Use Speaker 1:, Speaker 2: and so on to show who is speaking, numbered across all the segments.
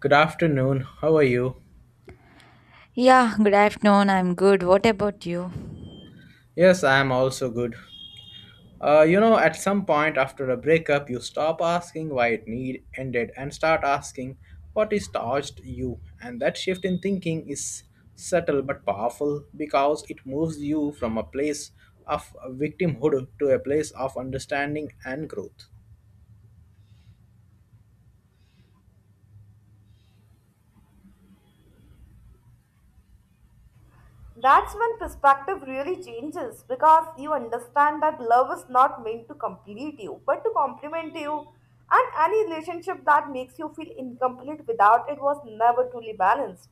Speaker 1: Good afternoon. How are you?
Speaker 2: Yeah, good afternoon. I'm good. What about you?
Speaker 1: Yes, I am also good. At some point after a breakup, you stop asking why it need ended and start asking what is touched you. And that shift in thinking is subtle but powerful because it moves you from a place of victimhood to a place of understanding and growth.
Speaker 3: That's when perspective really changes because you understand that love is not meant to complete you but to complement you, and any relationship that makes you feel incomplete without it was never truly balanced.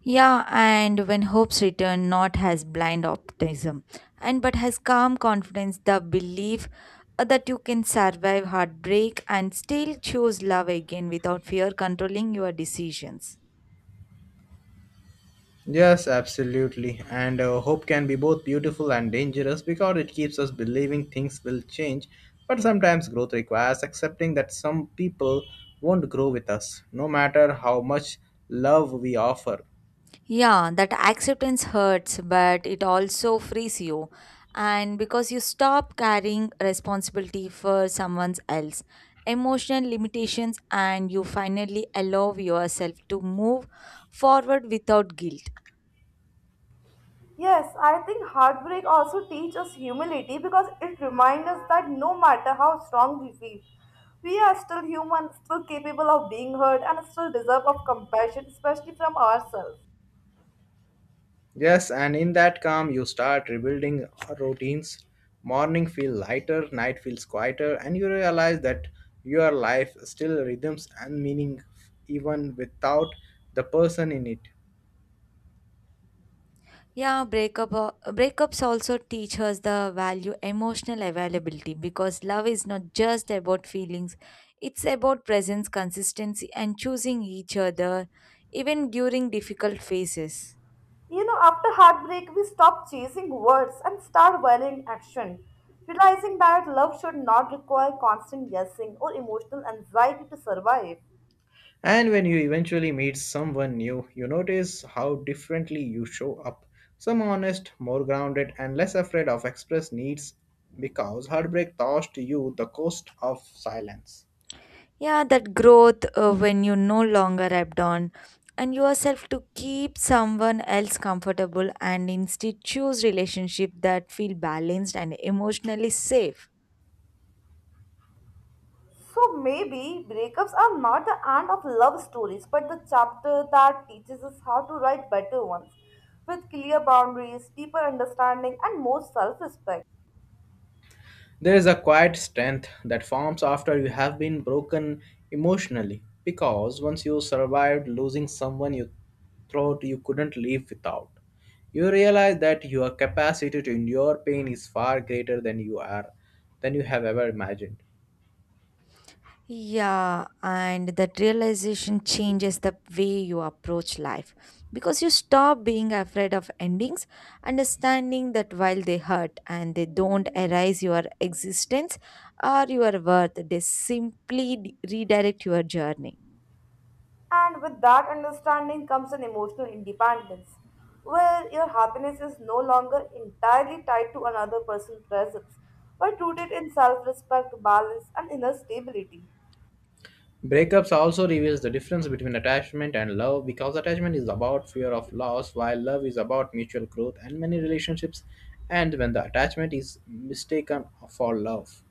Speaker 2: Yeah, and when hopes return, not has blind optimism, and but has calm confidence, the belief that you can survive heartbreak and still choose love again without fear controlling your decisions.
Speaker 1: Yes, absolutely. And hope can be both beautiful and dangerous because it keeps us believing things will change. But sometimes growth requires accepting that some people won't grow with us, no matter how much love we offer.
Speaker 2: Yeah, that acceptance hurts, but it also frees you. And because you stop carrying responsibility for someone else, emotional limitations, and you finally allow yourself to move forward without guilt.
Speaker 3: Yes, I think heartbreak also teaches us humility because it reminds us that no matter how strong we feel, we are still human, still capable of being hurt, and still deserve of compassion, especially from ourselves.
Speaker 1: Yes, and in that calm, you start rebuilding routines. Morning feel lighter, night feels quieter, and you realize that your life still rhythms and meaning even without the person in it.
Speaker 2: Yeah, breakups also teach us the value emotional availability because love is not just about feelings, it's about presence, consistency, and choosing each other even during difficult phases.
Speaker 3: You know, after heartbreak, we stop chasing words and start valuing action, realizing that love should not require constant guessing or emotional anxiety to survive.
Speaker 1: And when you eventually meet someone new, you notice how differently you show up. Some honest, more grounded, and less afraid of express needs because heartbreak taught you the cost of silence.
Speaker 2: Yeah, that growth when you no longer abdon and yourself to keep someone else comfortable and instead choose relationship that feel balanced and emotionally safe.
Speaker 3: So maybe breakups are not the end of love stories, but the chapter that teaches us how to write better ones with clear boundaries, deeper understanding, and more self respect.
Speaker 1: There is a quiet strength that forms after you have been broken emotionally because once you survived losing someone you thought you couldn't live without, you realize that your capacity to endure pain is far greater than you are than you have ever imagined.
Speaker 2: Yeah, and that realization changes the way you approach life because you stop being afraid of endings, understanding that while they hurt and they don't erase your existence or your worth, they simply redirect your journey.
Speaker 3: And with that understanding comes an emotional independence, where your happiness is no longer entirely tied to another person's presence, but rooted in self respect, balance, and inner stability.
Speaker 1: Breakups also reveals the difference between attachment and love because attachment is about fear of loss while love is about mutual growth and many relationships and when the attachment is mistaken for love.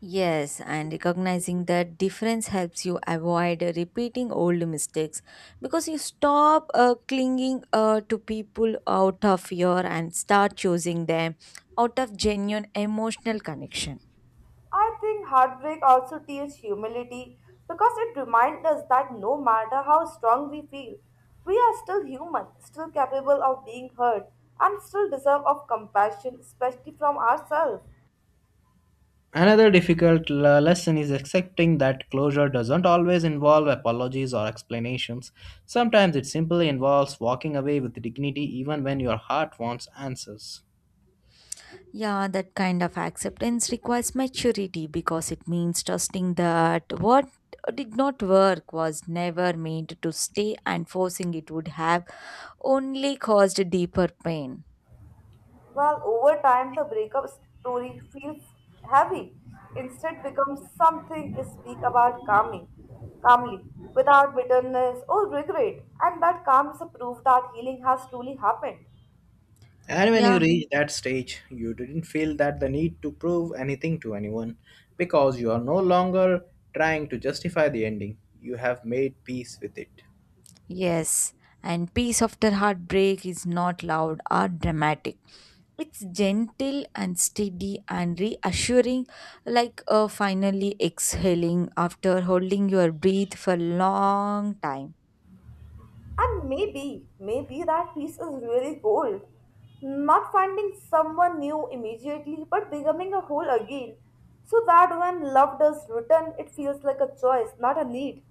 Speaker 2: Yes, and recognizing that difference helps you avoid repeating old mistakes because you stop clinging to people out of fear and start choosing them out of genuine emotional connection.
Speaker 3: I think heartbreak also teaches humility because it reminds us that no matter how strong we feel, we are still human, still capable of being hurt, and still deserve of compassion, especially from ourselves.
Speaker 1: Another difficult lesson is accepting that closure doesn't always involve apologies or explanations. Sometimes it simply involves walking away with dignity even when your heart wants answers.
Speaker 2: Yeah, that kind of acceptance requires maturity because it means trusting that what did not work was never meant to stay and forcing it would have only caused deeper pain.
Speaker 3: Well, over time, the breakup story feels heavy. Instead, becomes something you speak about calmly, without bitterness or regret. And that calm is a proof that healing has truly happened.
Speaker 1: And when
Speaker 2: Yeah.
Speaker 1: you reach that stage, you didn't feel that the need to prove anything to anyone because you are no longer trying to justify the ending. You have made peace with it.
Speaker 2: Yes, and peace after heartbreak is not loud or dramatic. It's gentle and steady and reassuring, like finally exhaling after holding your breath for a long time.
Speaker 3: And maybe that peace is really gold. Not finding someone new immediately, but becoming a whole again. So that when love does return, it feels like a choice, not a need.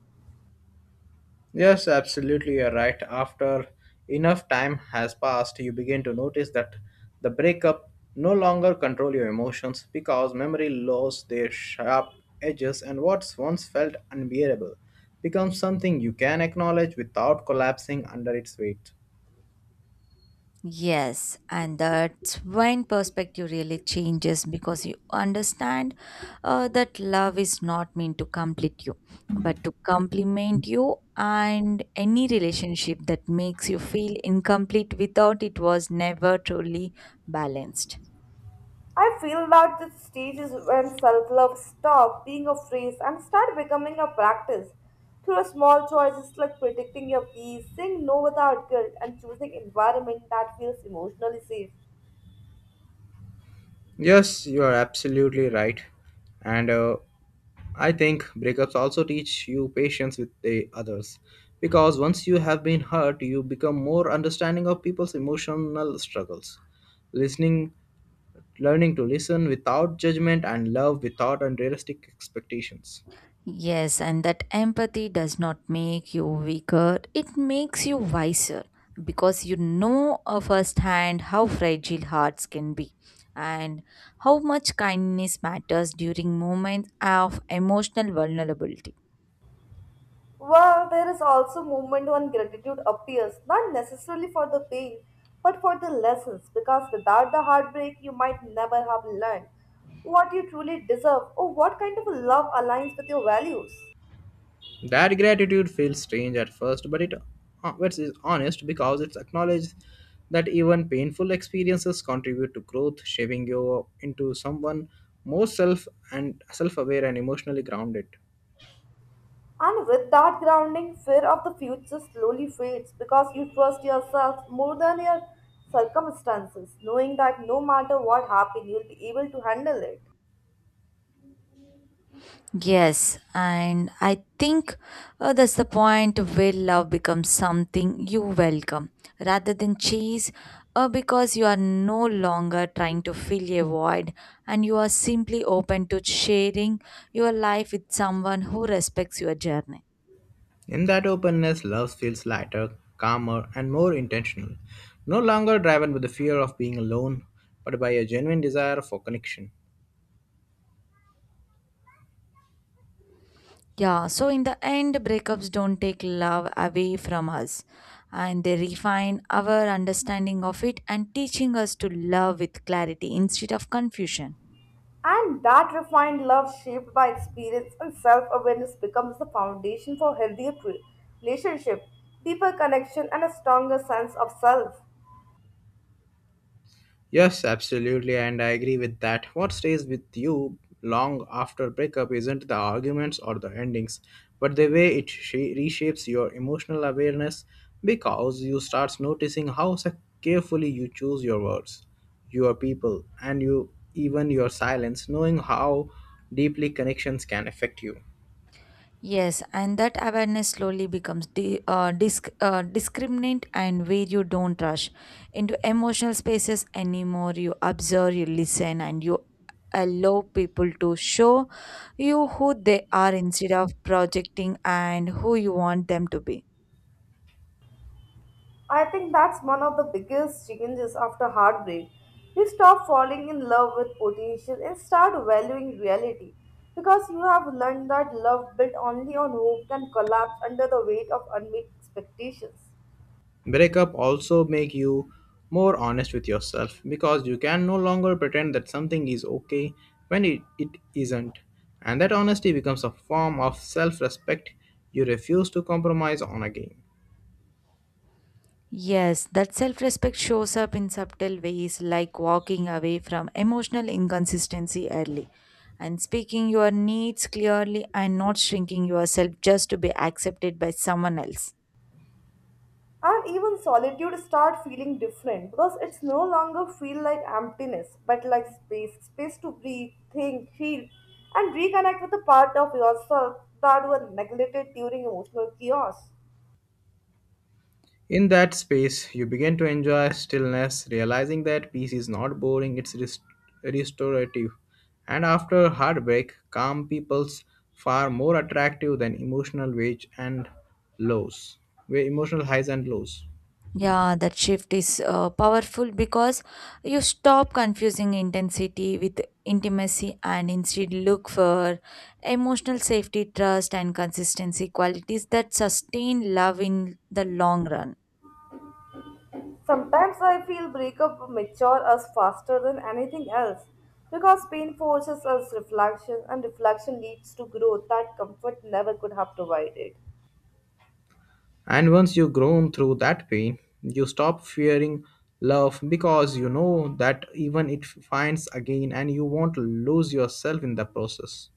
Speaker 1: Yes, absolutely, you're right. After enough time has passed, you begin to notice that the breakup no longer control your emotions because memory lost their sharp edges and what once felt unbearable becomes something you can acknowledge without collapsing under its weight.
Speaker 2: Yes, and that's when perspective really changes because you understand that love is not meant to complete you, but to complement you. And any relationship that makes you feel incomplete without it was never truly balanced.
Speaker 3: I feel that this stage is when self love stops being a phrase and start becoming a practice through small choices like protecting your peace, saying no without guilt, and choosing environment that feels emotionally safe.
Speaker 1: Yes, you are absolutely right. And I think breakups also teach you patience with the others. Because once you have been hurt, you become more understanding of people's emotional struggles. Listening, learning to listen without judgment, and love without unrealistic expectations.
Speaker 2: Yes, and that empathy does not make you weaker, it makes you wiser because you know firsthand how fragile hearts can be and how much kindness matters during moments of emotional vulnerability.
Speaker 3: Well, there is also moment when gratitude appears, not necessarily for the pain, but for the lessons, because without the heartbreak, you might never have learned what you truly deserve or what kind of love aligns with your values.
Speaker 1: That gratitude feels strange at first, but it which is honest because it's acknowledged that even painful experiences contribute to growth, shaping you into someone more self-aware and emotionally grounded.
Speaker 3: And with that grounding, fear of the future slowly fades because you trust yourself more than your circumstances, knowing that no matter what happens, you'll be able to handle it.
Speaker 2: Yes, and I think that's the point where love becomes something you welcome rather than chase, because you are no longer trying to fill a void and you are simply open to sharing your life with someone who respects your journey.
Speaker 1: In that openness, love feels lighter, calmer, and more intentional, no longer driven by the fear of being alone, but by a genuine desire for connection.
Speaker 2: Yeah, so in the end, breakups don't take love away from us and they refine our understanding of it and teaching us to love with clarity instead of confusion.
Speaker 3: And that refined love shaped by experience and self awareness becomes the foundation for healthier relationship, deeper connection, and a stronger sense of self.
Speaker 1: Yes, absolutely, and I agree with that. What stays with you long after breakup isn't the arguments or the endings, but the way it reshapes your emotional awareness because you start noticing how carefully you choose your words, your people, and you even your silence, knowing how deeply connections can affect you.
Speaker 2: Yes, and that awareness slowly becomes discriminant and where you don't rush into emotional spaces anymore. You observe, you listen, and you allow people to show you who they are instead of projecting and who you want them to be.
Speaker 3: I think that's one of the biggest changes after heartbreak. You stop falling in love with potential and start valuing reality because you have learned that love built only on hope can collapse under the weight of unmet expectations.
Speaker 1: Breakup also make you more honest with yourself because you can no longer pretend that something is okay when it isn't. And that honesty becomes a form of self-respect you refuse to compromise on again.
Speaker 2: Yes, that self respect shows up in subtle ways like walking away from emotional inconsistency early and speaking your needs clearly and not shrinking yourself just to be accepted by someone else.
Speaker 3: And even solitude start feeling different because it's no longer feel like emptiness but like space, space to breathe, think, feel and reconnect with the part of yourself that were neglected during emotional chaos.
Speaker 1: In that space, you begin to enjoy stillness, realizing that peace is not boring, it's restorative. And after heartbreak, calm people's far more attractive than lows, emotional highs and lows.
Speaker 2: Yeah, that shift is powerful because you stop confusing intensity with intimacy and instead look for emotional safety, trust, and consistency qualities that sustain love in the long run.
Speaker 3: Sometimes I feel breakup mature us faster than anything else because pain forces us reflection and reflection leads to growth that comfort never could have provided.
Speaker 1: And once you've grown through that pain, you stop fearing love because you know that even it finds again and you won't lose yourself in the process.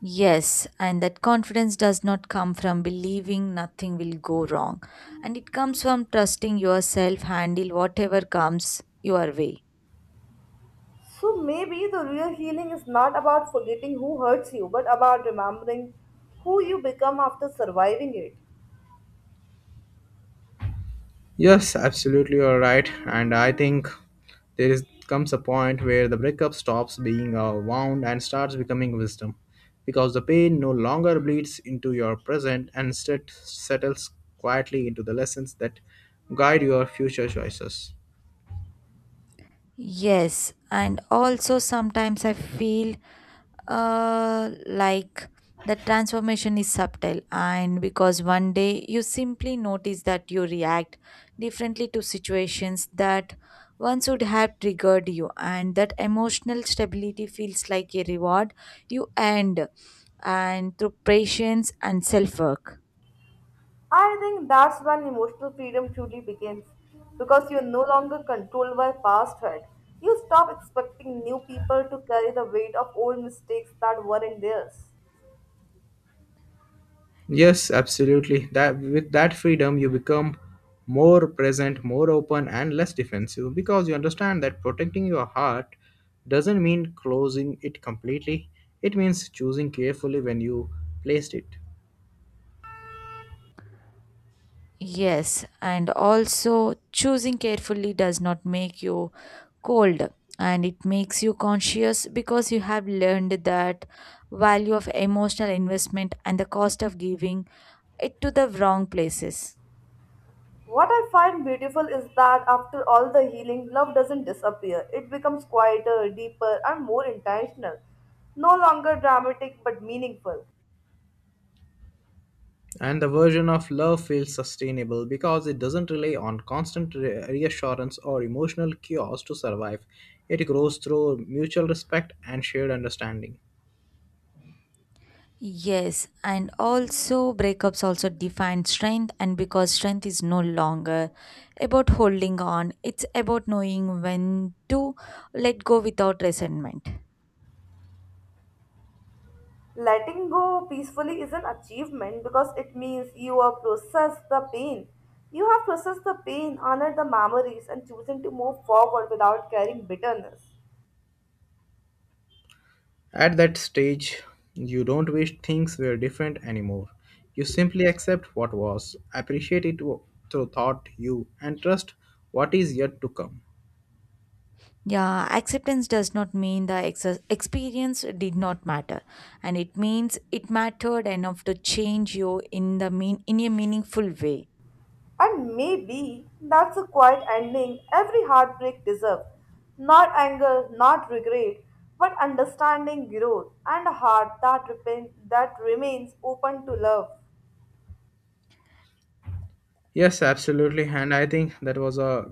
Speaker 2: Yes, and that confidence does not come from believing nothing will go wrong, and it comes from trusting yourself handle whatever comes your way.
Speaker 3: So maybe the real healing is not about forgetting who hurts you but about remembering who you become after surviving it.
Speaker 1: Yes, absolutely, you're right. And I think there is comes a point where the breakup stops being a wound and starts becoming wisdom because the pain no longer bleeds into your present and instead settles quietly into the lessons that guide your future choices.
Speaker 2: Yes, and also sometimes I feel like the transformation is subtle and because one day you simply notice that you react differently to situations that once would have triggered you and that emotional stability feels like a reward you earned and through patience and self work.
Speaker 3: I think that's when emotional freedom truly begins because you're no longer controlled by past hurt. You stop expecting new people to carry the weight of old mistakes that weren't theirs.
Speaker 1: Yes, absolutely. That with that freedom you become more present, more open and less defensive because you understand that protecting your heart doesn't mean closing it completely. It means choosing carefully when you placed it.
Speaker 2: Yes, and also choosing carefully does not make you cold and it makes you conscious because you have learned that value of emotional investment and the cost of giving it to the wrong places.
Speaker 3: What I find beautiful is that after all the healing, love doesn't disappear. It becomes quieter, deeper, and more intentional. No longer dramatic but meaningful.
Speaker 1: And the version of love feels sustainable because it doesn't rely on constant reassurance or emotional cures to survive. It grows through mutual respect and shared understanding.
Speaker 2: Yes, and also breakups also define strength, and because strength is no longer about holding on, it's about knowing when to let go without resentment.
Speaker 3: Letting go peacefully is an achievement because it means you have processed the pain. You have processed the pain, honored the memories, and chosen to move forward without carrying bitterness.
Speaker 1: At that stage, you don't wish things were different anymore. You simply accept what was, appreciate it through thought, you, and trust what is yet to come.
Speaker 2: Yeah, acceptance does not mean the experience did not matter, and it means it mattered enough to change you in the mean in a meaningful way.
Speaker 3: And maybe that's a quiet ending every heartbreak deserves. Not anger, not regret, but understanding, growth, and a heart that, repent, that remains open to love.
Speaker 1: Yes, absolutely. And I think that was a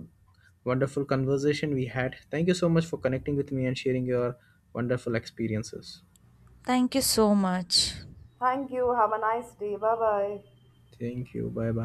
Speaker 1: wonderful conversation we had. Thank you so much for connecting with me and sharing your wonderful experiences.
Speaker 2: Thank you so much.
Speaker 3: Thank you. Have a nice day. Bye bye.
Speaker 1: Thank you. Bye bye.